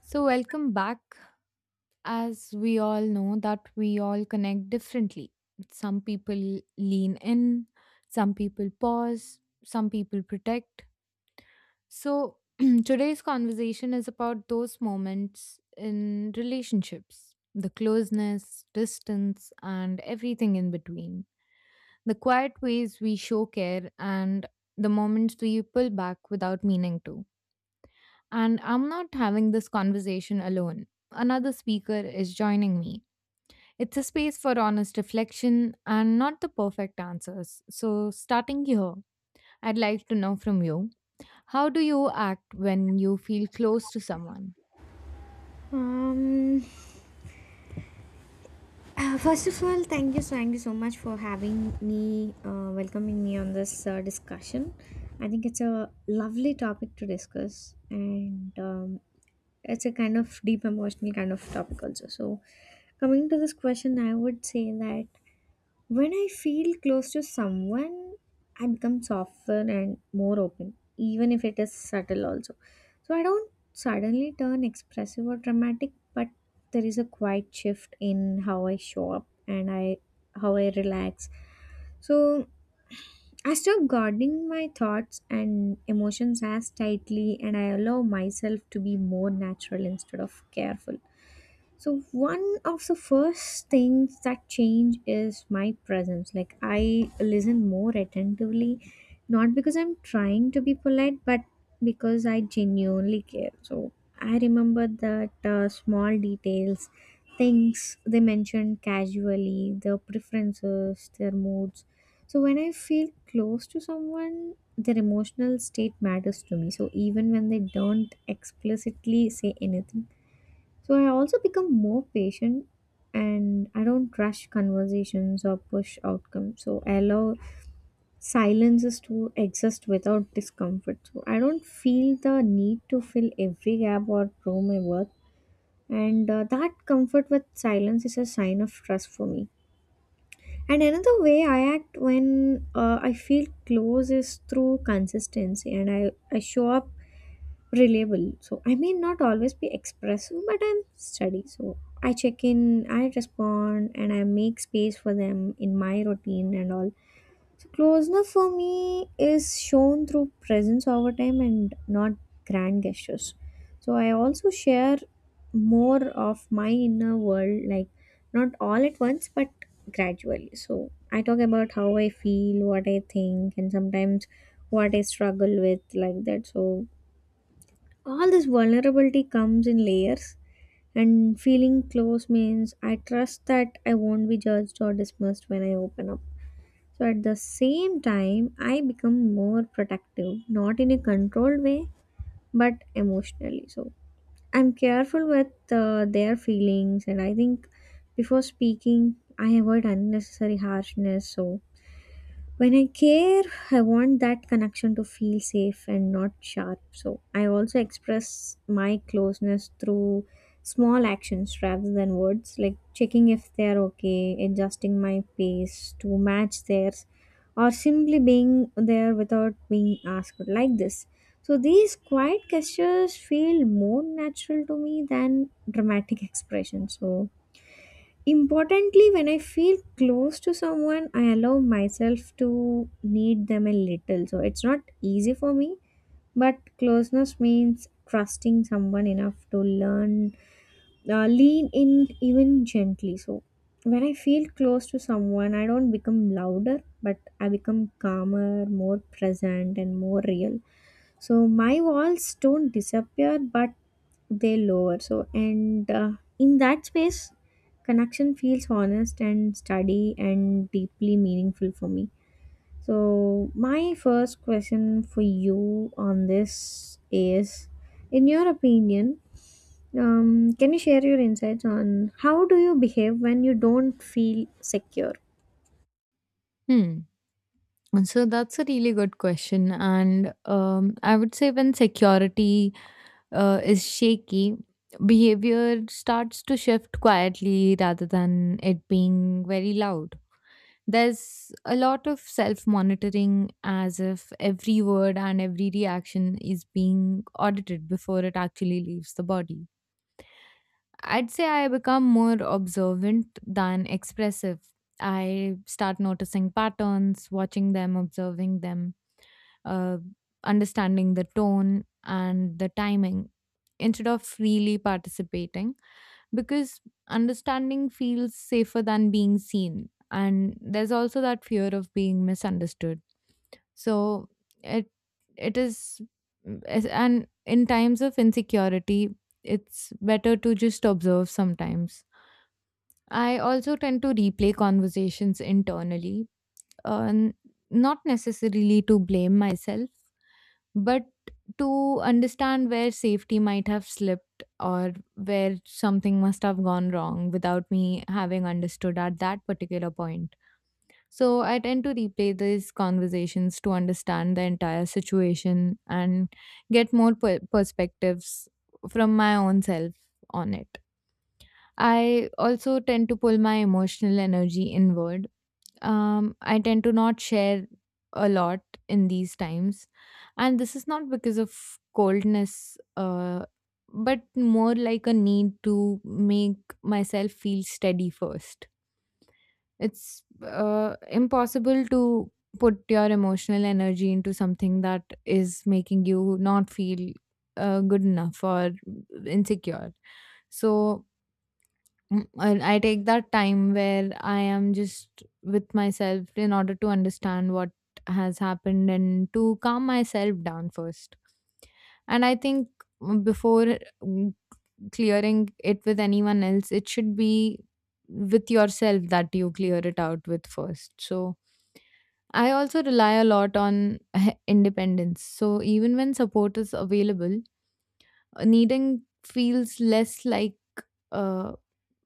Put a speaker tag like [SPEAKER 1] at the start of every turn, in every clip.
[SPEAKER 1] So, welcome back. As we all know, that we all connect differently. Some people lean in, some people pause, some people protect. So, today's conversation is about those moments in relationships, the closeness, distance, and everything in between. The quiet ways we show care and the moments we pull back without meaning to. And I'm not having this conversation alone. Another speaker is joining me. It's a space for honest reflection and not the perfect answers. So, starting here, I'd like to know from you, how do you act when you feel close to someone?
[SPEAKER 2] Um, First of all, thank you, thank you so much for having me, welcoming me on this discussion. I think it's a lovely topic to discuss, and it's a kind of deep emotional kind of topic also. So, coming to this question, I would say that when I feel close to someone, I become softer and more open, even if it is subtle also. So I don't suddenly turn expressive or dramatic, but there is a quiet shift in how I show up and I how I relax. So I stop guarding my thoughts and emotions as tightly and I allow myself to be more natural instead of careful. So one of the first things that change is my presence. Like I listen more attentively, not because I'm trying to be polite, but because I genuinely care. So I remember that small details, things they mentioned casually, their preferences, their moods. So when I feel close to someone, their emotional state matters to me. So even when they don't explicitly say anything, so I also become more patient and I don't rush conversations or push outcomes. So I allow silences to exist without discomfort. So I don't feel the need to fill every gap or prove my worth. And that comfort with silence is a sign of trust for me. And another way I act when I feel close is through consistency. And I show up reliable. So I may not always be expressive, but I'm steady. So I check in, I respond, and I make space for them in my routine and all. So closeness for me is shown through presence over time and not grand gestures. So I also share more of my inner world, like not all at once, but gradually. So I talk about how I feel, what I think, and sometimes what I struggle with, like that. So all this vulnerability comes in layers and feeling close means I trust that I won't be judged or dismissed when I open up. So at the same time I become more protective, not in a controlled way but emotionally. So I'm careful with their feelings, and I think before speaking I avoid unnecessary harshness. So when I care, I want that connection to feel safe and not sharp. So I also express my closeness through small actions rather than words, like checking if they're okay, adjusting my pace to match theirs, or simply being there without being asked like this. So these quiet gestures feel more natural to me than dramatic expressions. So importantly, when I feel close to someone, I allow myself to need them a little. So it's not easy for me, but closeness means trusting someone enough to learn, lean in even gently. So when I feel close to someone, I don't become louder, but I become calmer, more present, and more real. So my walls don't disappear, but they lower. So and in that space connection feels honest and steady and deeply meaningful for me. So my first question for you on this is, in your opinion, can you share your insights on how do you behave when you don't feel secure?
[SPEAKER 1] Hmm. So, that's a really good question. And I would say when security is shaky, behavior starts to shift quietly rather than it being very loud. There's a lot of self monitoring, as if every word and every reaction is being audited before it actually leaves the body. I'd say I become more observant than expressive. I start noticing patterns, watching them, observing them, uh, understanding the tone and the timing instead of freely participating, because understanding feels safer than being seen, and there's also that fear of being misunderstood. So it it is and in times of insecurity, it's better to just observe sometimes. I also tend to replay conversations internally, uh, n- not necessarily to blame myself, but to understand where safety might have slipped or where something must have gone wrong without me having understood at that particular point. So I tend to replay these conversations to understand the entire situation and get more perspectives from my own self on it. I also tend to pull my emotional energy inward. Um, I tend to not share a lot in these times. And this is not because of coldness, but more like a need to make myself feel steady first. It's impossible to put your emotional energy into something that is making you not feel good enough or insecure. So and I take that time where I am just with myself in order to understand what has happened and to calm myself down first. And I think, before mm, clearing it with anyone else, it should be with yourself that you clear it out with first. So I also rely a lot on independence. So even when support is available, needing feels less uh,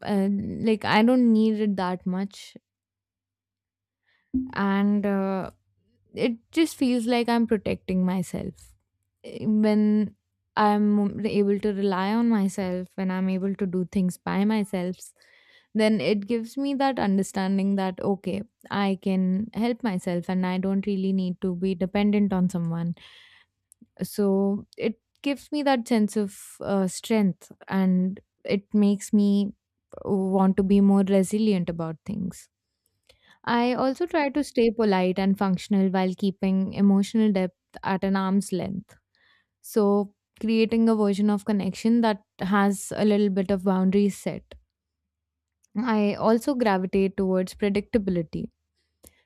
[SPEAKER 1] like I don't need it that much, and it just feels like I'm protecting myself. When I'm able to rely on myself, when I'm able to do things by myself, then it gives me that understanding that okay, I can help myself and I don't really need to be dependent on someone. So it gives me that sense of strength, and it makes me want to be more resilient about things. I also try to stay polite and functional while keeping emotional depth at an arm's length. So, creating a version of connection that has a little bit of boundaries set. I also gravitate towards predictability.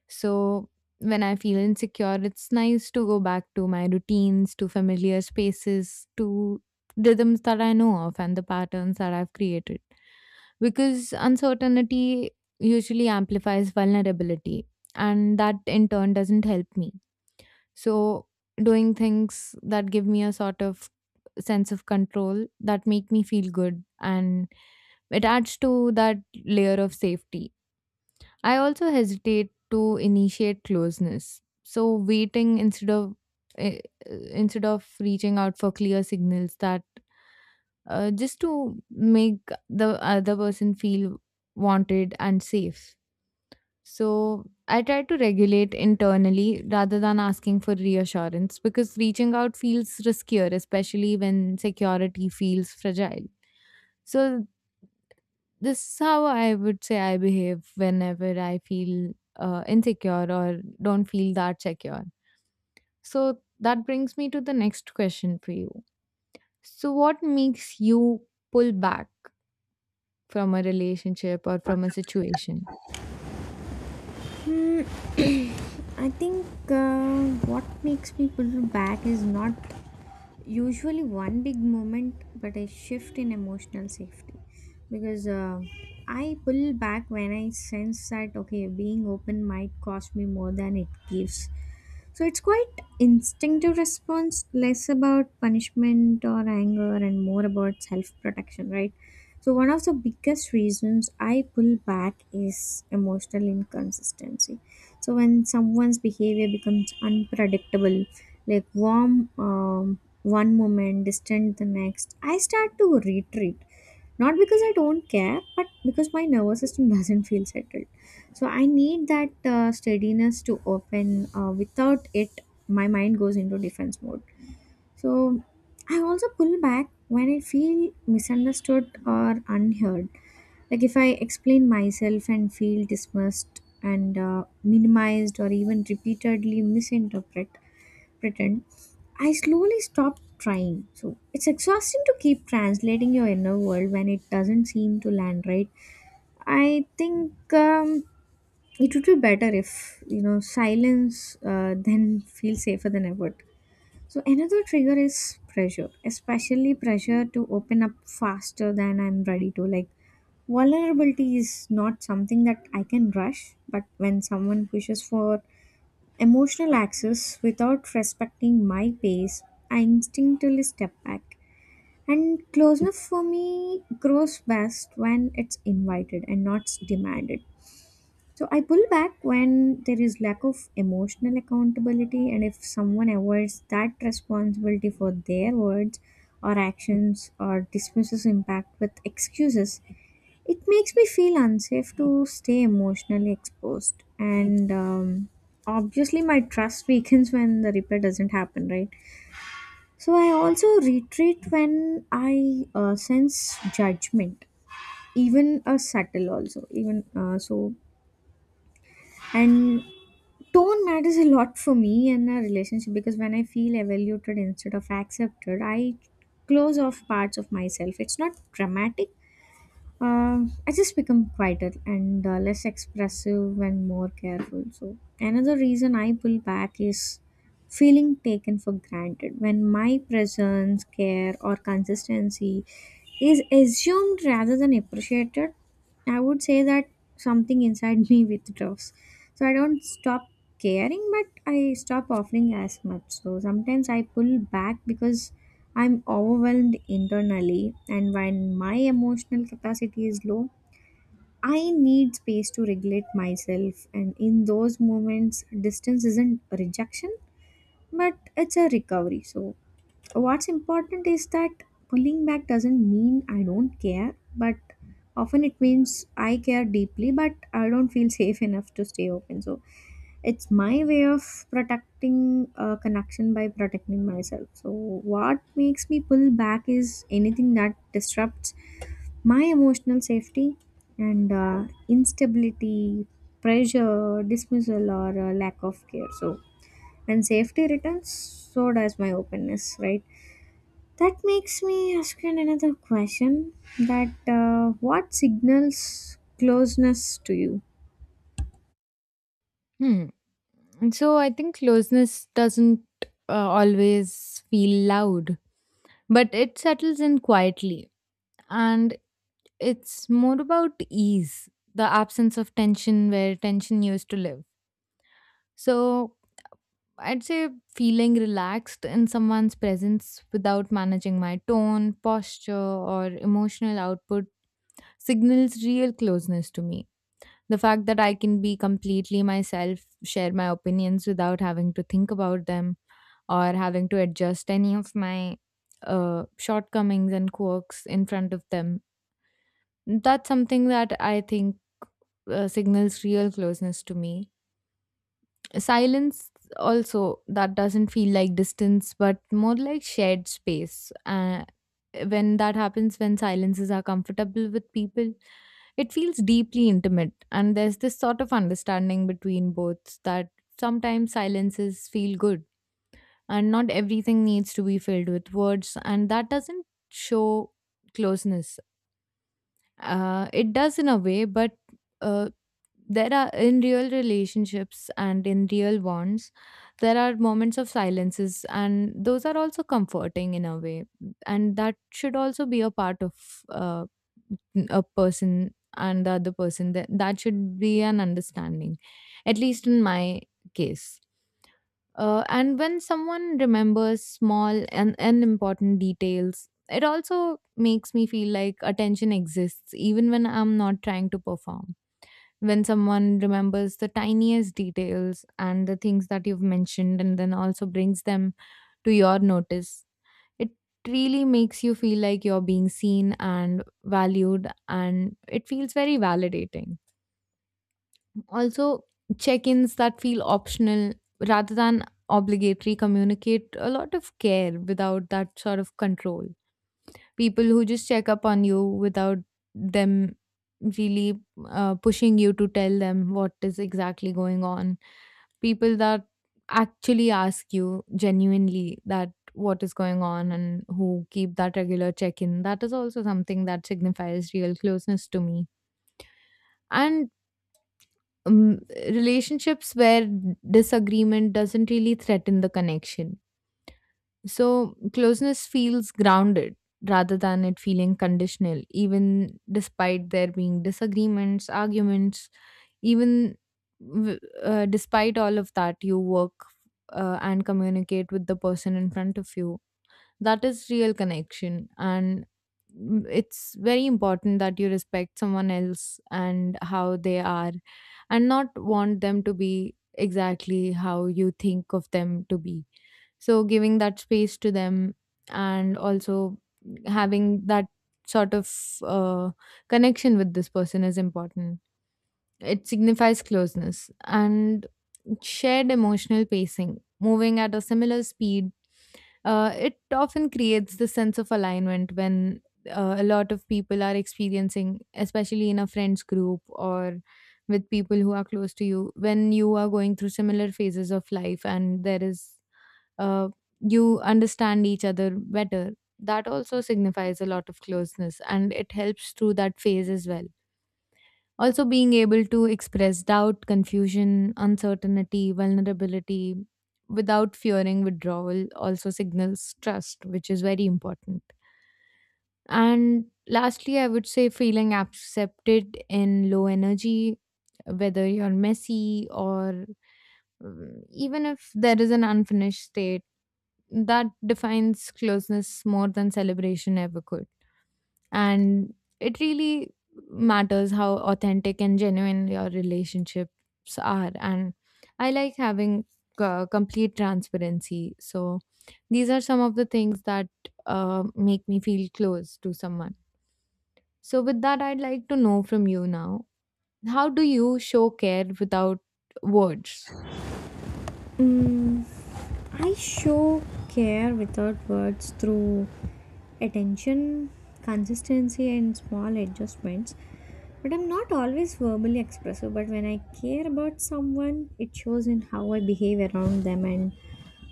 [SPEAKER 1] So when I feel insecure, it's nice to go back to my routines, to familiar spaces, to rhythms that I know of and the patterns that I've created. Because uncertainty usually amplifies vulnerability, and that in turn doesn't help me. So doing things that give me a sort of sense of control that make me feel good, and it adds to that layer of safety. I also hesitate to initiate closeness. So waiting instead of eh, instead of reaching out for clear signals that just to make the other person feel wanted and safe. So I try to regulate internally rather than asking for reassurance, because reaching out feels riskier, especially when security feels fragile. So this is how I would say I behave whenever I feel insecure or don't feel that secure. So that brings me to the next question for you. So, what makes you pull back from a relationship or from a situation?
[SPEAKER 2] I think what makes me pull back is not usually one big moment but a shift in emotional safety, because I pull back when I sense that okay, being open might cost me more than it gives. So it's quite instinctive response, less about punishment or anger and more about self-protection, right? So one of the biggest reasons I pull back is emotional inconsistency. So when someone's behavior becomes unpredictable, like warm one moment, distant the next, I start to retreat, not because I don't care, but because my nervous system doesn't feel settled. So I need that steadiness to open. Without it, my mind goes into defense mode. So I also pull back when I feel misunderstood or unheard. Like if I explain myself and feel dismissed and minimized or even repeatedly misinterpret, pretend. I slowly stopped trying. So it's exhausting to keep translating your inner world when it doesn't seem to land right. I think it would be better if you know silence then feel safer than effort. So another trigger is pressure, especially pressure to open up faster than I'm ready to. Like vulnerability is not something that I can rush, but when someone pushes for emotional access without respecting my pace, I instinctively step back. And closeness for me grows best when it's invited and not demanded. So I pull back when there is lack of emotional accountability, and if someone avoids that responsibility for their words or actions or dismisses impact with excuses, it makes me feel unsafe to stay emotionally exposed. And obviously, my trust weakens when the repair doesn't happen, right? So I also retreat when I sense judgment, even a subtle, also. Even so, and tone matters a lot for me in a relationship, because when I feel evaluated instead of accepted, I close off parts of myself. It's not dramatic. I just become quieter and less expressive and more careful. So another reason I pull back is feeling taken for granted, when my presence, care, or consistency is assumed rather than appreciated. I would say that something inside me withdraws. So I don't stop caring, but I stop offering as much. So sometimes I pull back because I'm overwhelmed internally, and when my emotional capacity is low, I need space to regulate myself. And in those moments, distance isn't a rejection, but it's a recovery. So what's important is that pulling back doesn't mean I don't care, but often it means I care deeply, but I don't feel safe enough to stay open. So it's my way of protecting a connection by protecting myself. So what makes me pull back is anything that disrupts my emotional safety, and instability, pressure, dismissal, or lack of care. So when safety returns, so does my openness, right? That makes me ask you another question, that what signals closeness to you?
[SPEAKER 1] Hmm. And so, I think closeness doesn't always feel loud, but it settles in quietly. And it's more about ease, the absence of tension where tension used to live. So, I'd say feeling relaxed in someone's presence without managing my tone, posture, or emotional output signals real closeness to me. The fact that I can be completely myself, share my opinions without having to think about them or having to adjust any of my shortcomings and quirks in front of them, that's something that I think signals real closeness to me. Silence also, that doesn't feel like distance but more like shared space. When that happens, when silences are comfortable with people, it feels deeply intimate, and there's this sort of understanding between both that sometimes silences feel good and not everything needs to be filled with words. And that doesn't show closeness. It does in a way, but uh, there are, in real relationships and in real ones, there are moments of silences, and those are also comforting in a way, and that should also be a part of uh, a person and the other person. That should be an understanding, at least in my case. And when someone remembers small and important details, it also makes me feel like attention exists, even when I'm not trying to perform. When someone remembers the tiniest details and the things that you've mentioned, and then also brings them to your notice, it really makes you feel like you're being seen and valued, and it feels very validating. Also, check-ins that feel optional rather than obligatory communicate a lot of care without that sort of control. People who just check up on you without them really pushing you to tell them what is exactly going on. People that actually ask you genuinely that what is going on and who keep that regular check-in. That is also something that signifies real closeness to me. And um, relationships where disagreement doesn't really threaten the connection. So closeness feels grounded rather than it feeling conditional, even despite there being disagreements, arguments, even despite all of that, you work and communicate with the person in front of you. That is real connection. And it's very important that you respect someone else and how they are, and not want them to be exactly how you think of them to be. So giving that space to them, and also having that sort of uh, connection with this person is important. It signifies closeness. And shared emotional pacing, moving at a similar speed, it often creates this sense of alignment when a lot of people are experiencing, especially in a friends group or with people who are close to you, when you are going through similar phases of life and there is, uh, you understand each other better. That also signifies a lot of closeness, and it helps through that phase as well. Also, being able to express doubt, confusion, uncertainty, vulnerability without fearing withdrawal also signals trust, which is very important. And lastly, I would say feeling accepted in low energy, whether you're messy or even if there is an unfinished state, that defines closeness more than celebration ever could. And it really matters how authentic and genuine your relationships are. And I like having complete transparency. So these are some of the things that make me feel close to someone. So with that, I'd like to know from you now, how do you show care without words?
[SPEAKER 2] Mm, I show care without words through attention, consistency, and small adjustments. But I'm not always verbally expressive. But when I care about someone, it shows in how I behave around them and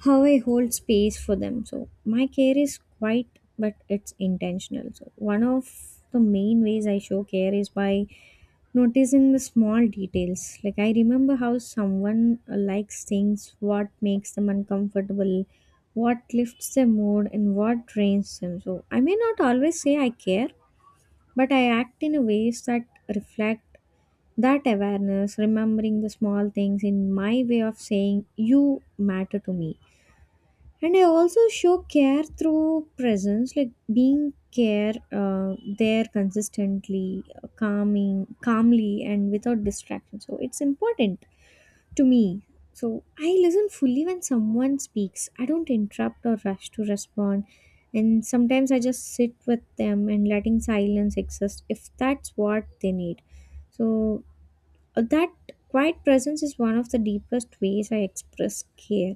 [SPEAKER 2] how I hold space for them. So my care is quiet, but it's intentional. So one of the main ways I show care is by noticing the small details. Like I remember how someone likes things, what makes them uncomfortable, what lifts their mood, and what drains them. So I may not always say I care, but I act in a ways that reflect that awareness, remembering the small things in my way of saying you matter to me. And I also show care through presence, like being care there consistently, calming calmly and without distraction. So it's important to me. So I listen fully when someone speaks, I don't interrupt or rush to respond, and sometimes I just sit with them and letting silence exist if that's what they need. So that quiet presence is one of the deepest ways I express care.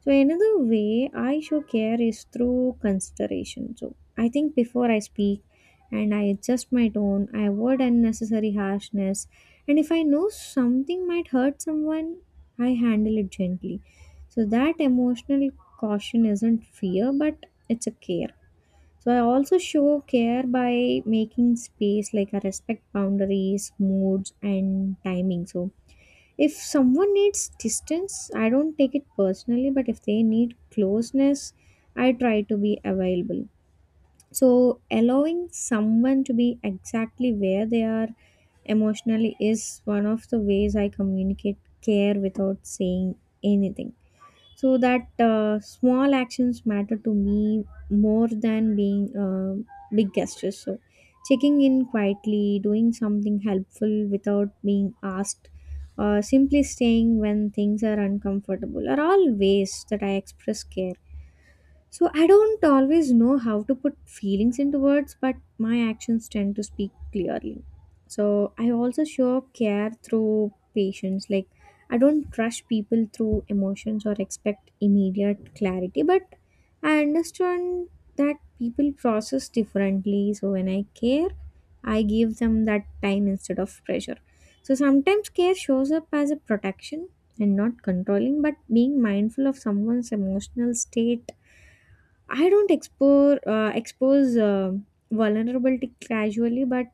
[SPEAKER 2] So another way I show care is through consideration. So I think before I speak and I adjust my tone, I avoid unnecessary harshness. And if I know something might hurt someone, I handle it gently. So that emotional caution isn't fear, but it's a care. So I also show care by making space, like I respect boundaries, moods and timing. So if someone needs distance, I don't take it personally, but if they need closeness, I try to be available. So allowing someone to be exactly where they are emotionally is one of the ways I communicate care without saying anything. So that small actions matter to me more than being big gestures. So checking in quietly, doing something helpful without being asked, or simply staying when things are uncomfortable are all ways that I express care. So I don't always know how to put feelings into words, but my actions tend to speak clearly. So I also show up care through patience. Like I don't rush people through emotions or expect immediate clarity, but I understand that people process differently. So when I care, I give them that time instead of pressure. So sometimes care shows up as a protection, and not controlling, but being mindful of someone's emotional state. I don't expose vulnerability casually, but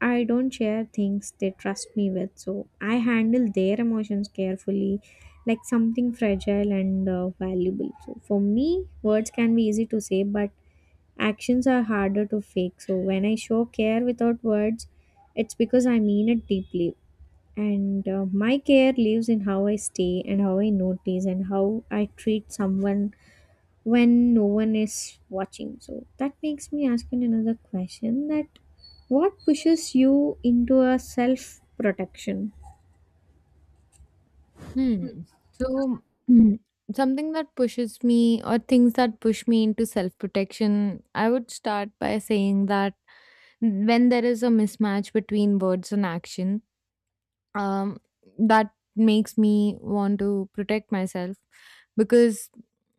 [SPEAKER 2] I don't share things they trust me with. So I handle their emotions carefully, like something fragile and valuable. So for me, words can be easy to say, but actions are harder to fake. So when I show care without words, it's because I mean it deeply. And My care lives in how I stay and how I notice and how I treat someone when no one is watching. So that makes me asking another question that what pushes you into a self protection?
[SPEAKER 1] Hmm. So mm, something that pushes me, or things that push me into self protection, I would start by saying that when there is a mismatch between words and action, um that makes me want to protect myself, because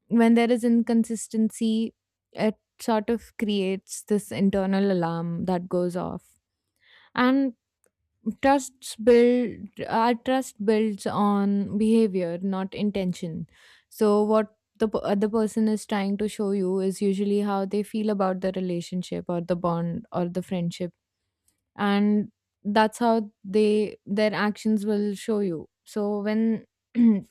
[SPEAKER 1] when there is inconsistency, it sort of creates this internal alarm that goes off. And trusts build our trust builds on behavior, not intention. So what the other person is trying to show you is usually how they feel about the relationship or the bond or the friendship, and that's how they their actions will show you. So when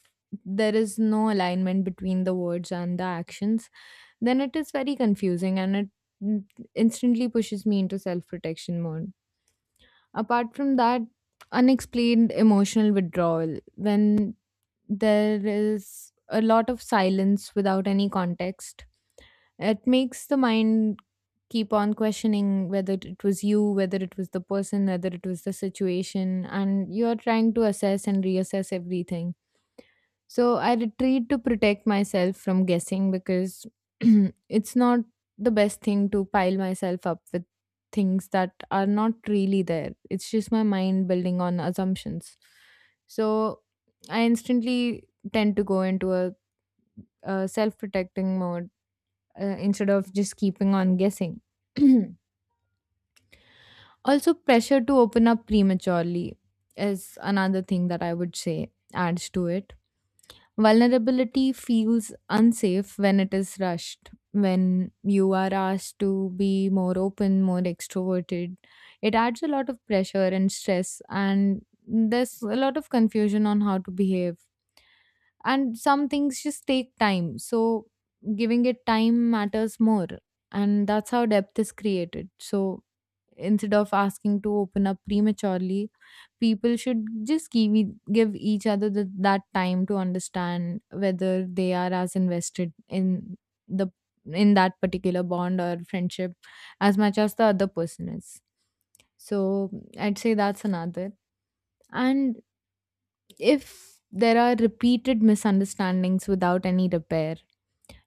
[SPEAKER 1] there is no alignment between the words and the actions, then it is very confusing, and it mm, instantly pushes me into self protection mode. Apart from that, unexplained emotional withdrawal, when there is a lot of silence without any context, it makes the mind keep on questioning whether it was you, whether it was the person, whether it was the situation, and you're trying to assess and reassess everything. So I retreat to protect myself from guessing, because it's not the best thing to pile myself up with things that are not really there. It's just my mind building on assumptions. So I instantly tend to go into a self protecting mode, instead of just keeping on guessing. Also, pressure to open up prematurely is another thing that I would say adds to it. Vulnerability feels unsafe when it is rushed. When you are asked to be more open, more extroverted, it adds a lot of pressure and stress, and there's a lot of confusion on how to behave. And some things just take time. So, giving it time matters more. And that's how depth is created. So, instead of asking to open up prematurely, people should just give, give each other the, that time to understand whether they are as invested in the in that particular bond or friendship as much as the other person is. So I'd say that's another. And if there are repeated misunderstandings without any repair,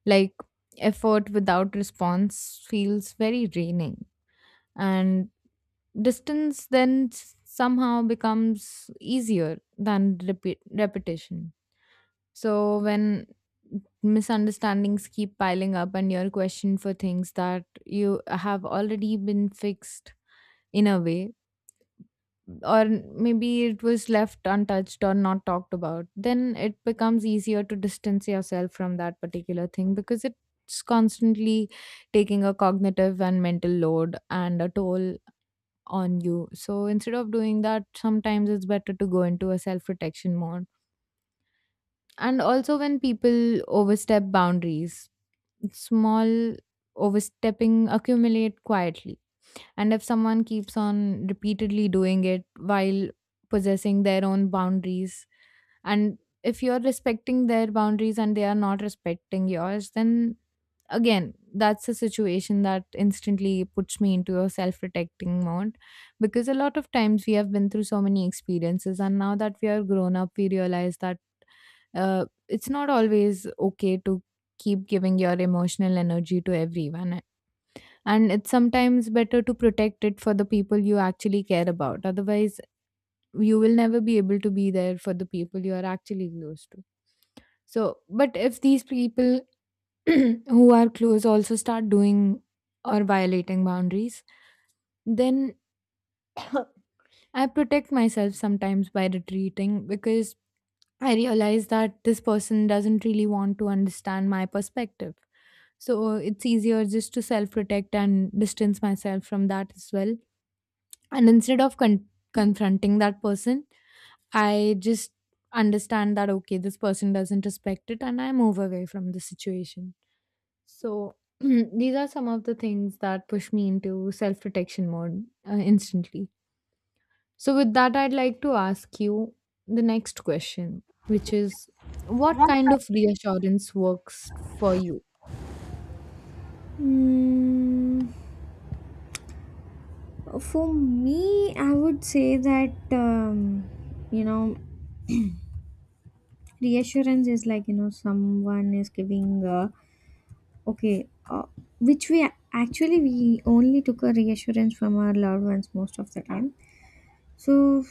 [SPEAKER 1] like effort without response, feels very draining, and distance then somehow becomes easier than repeat, repetition. So when misunderstandings keep piling up and you're questioned for things that you have already been fixed in a way, or maybe it was left untouched or not talked about, then it becomes easier to distance yourself from that particular thing, because it's constantly taking a cognitive and mental load and a toll on you. So instead of doing that, sometimes it's better to go into a self protection mode. And also, when people overstep boundaries, small overstepping accumulate quietly. And if someone keeps on repeatedly doing it while possessing their own boundaries, and if you're respecting their boundaries and they are not respecting yours, then again that's a situation that instantly puts me into a self-protecting mode. Because a lot of times we have been through so many experiences, and now that we are grown up, we realize that it's not always okay to keep giving your emotional energy to everyone, and it's sometimes better to protect it for the people you actually care about. Otherwise you will never be able to be there for the people you are actually close to. So but if these people who are close also start doing or violating boundaries, then I protect myself sometimes by retreating, because I realize that this person doesn't really want to understand my perspective. So it's easier just to self protect and distance myself from that as well. And instead of confronting that person, I just understand that okay, this person doesn't respect it, and I move away from the situation. So these are some of the things that push me into self protection mode, instantly. So, with that, I'd like to ask you the next question, which is, what kind of reassurance works for you?
[SPEAKER 2] Mm, for me, I would say that you know, reassurance is like you know someone is giving okay, which we actually we only took a reassurance from our loved ones most of the time. So,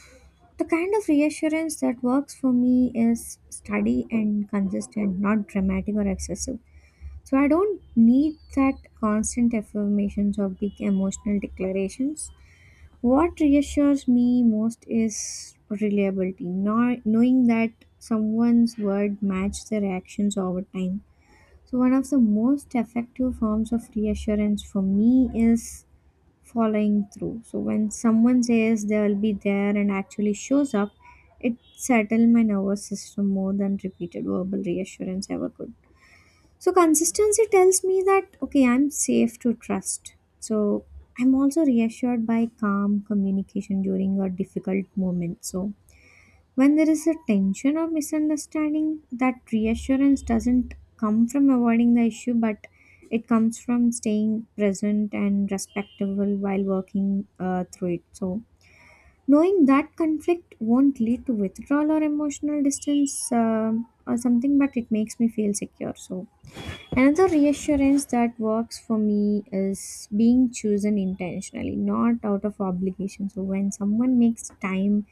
[SPEAKER 2] the kind of reassurance that works for me is steady and consistent, not dramatic or excessive. So, I don't need that constant affirmations or big emotional declarations. What reassures me most is reliability, nor knowing that someone's word matches their actions over time. So, one of the most effective forms of reassurance for me is following through. So when someone says they will be there and actually shows up, it settled my nervous system more than repeated verbal reassurance ever could. So consistency tells me that okay, I'm safe to trust. So I'm also reassured by calm communication during a difficult moment. So when there is a tension or misunderstanding, that reassurance doesn't come from avoiding the issue, but it comes from staying present and respectable while working through it. So, knowing that conflict won't lead to withdrawal or emotional distance or something, but it makes me feel secure. So, another reassurance that works for me is being chosen intentionally, not out of obligation. So, when someone makes time,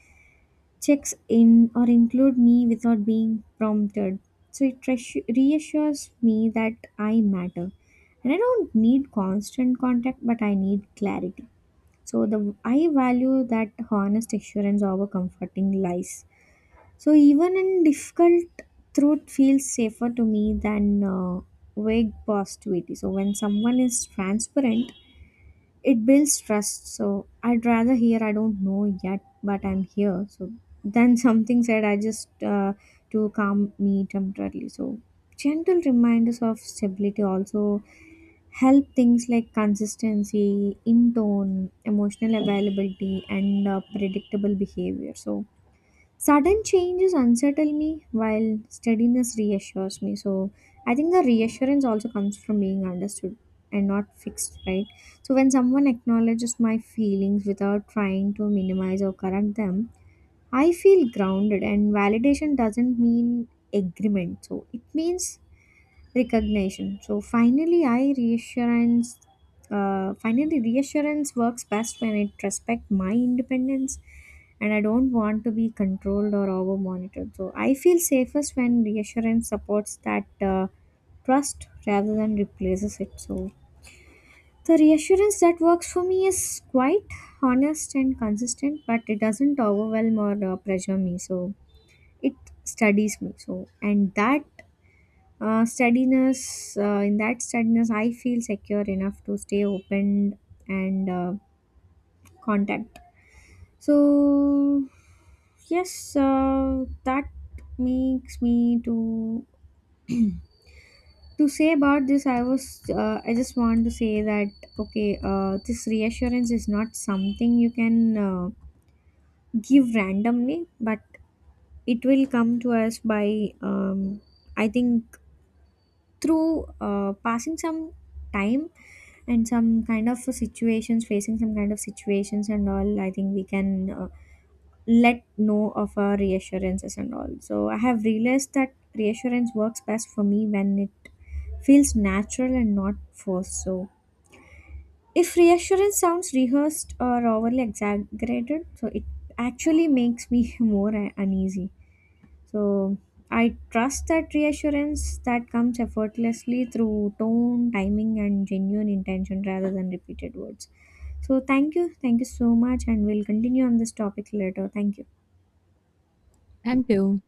[SPEAKER 2] checks in or include me without being prompted. So it reassures me that I matter. And I don't need constant contact, but I need clarity. So the I value that honest assurance over comforting lies. So even in difficult, truth feels safer to me than vague positivity. So when someone is transparent, it builds trust. So I'd rather hear I don't know yet, but I'm here. So then something said I just to calm me temporarily. So gentle reminders of stability also help things like consistency in tone, emotional availability, and predictable behavior. So sudden changes unsettle me while steadiness reassures me. So I think the reassurance also comes from being understood and not fixed, right? So when someone acknowledges my feelings without trying to minimize or correct them, I feel grounded, and validation doesn't mean agreement. So it means recognition. So finally, I reassurance. Finally, reassurance works best when it respects my independence, and I don't want to be controlled or over monitored. So I feel safest when reassurance supports that trust rather than replaces it. So the reassurance that works for me is quite honest and consistent, but it doesn't overwhelm or pressure me. So it studies me. So and that steadiness, in that steadiness, I feel secure enough to stay open and contact. So, yes, that makes me to say about this. I was, I just want to say that okay, this reassurance is not something you can give randomly, but it will come to us by, I think, through passing some time and some kind of situations, facing some kind of situations and all, I think we can let know of our reassurances and all. So I have realized that reassurance works best for me when it feels natural and not forced. So if reassurance sounds rehearsed or overly exaggerated, so it actually makes me more uneasy. So I trust that reassurance that comes effortlessly through tone, timing, and genuine intention rather than repeated words. So thank you. Thank you so much. And we'll continue on this topic later. Thank you.
[SPEAKER 1] Thank you.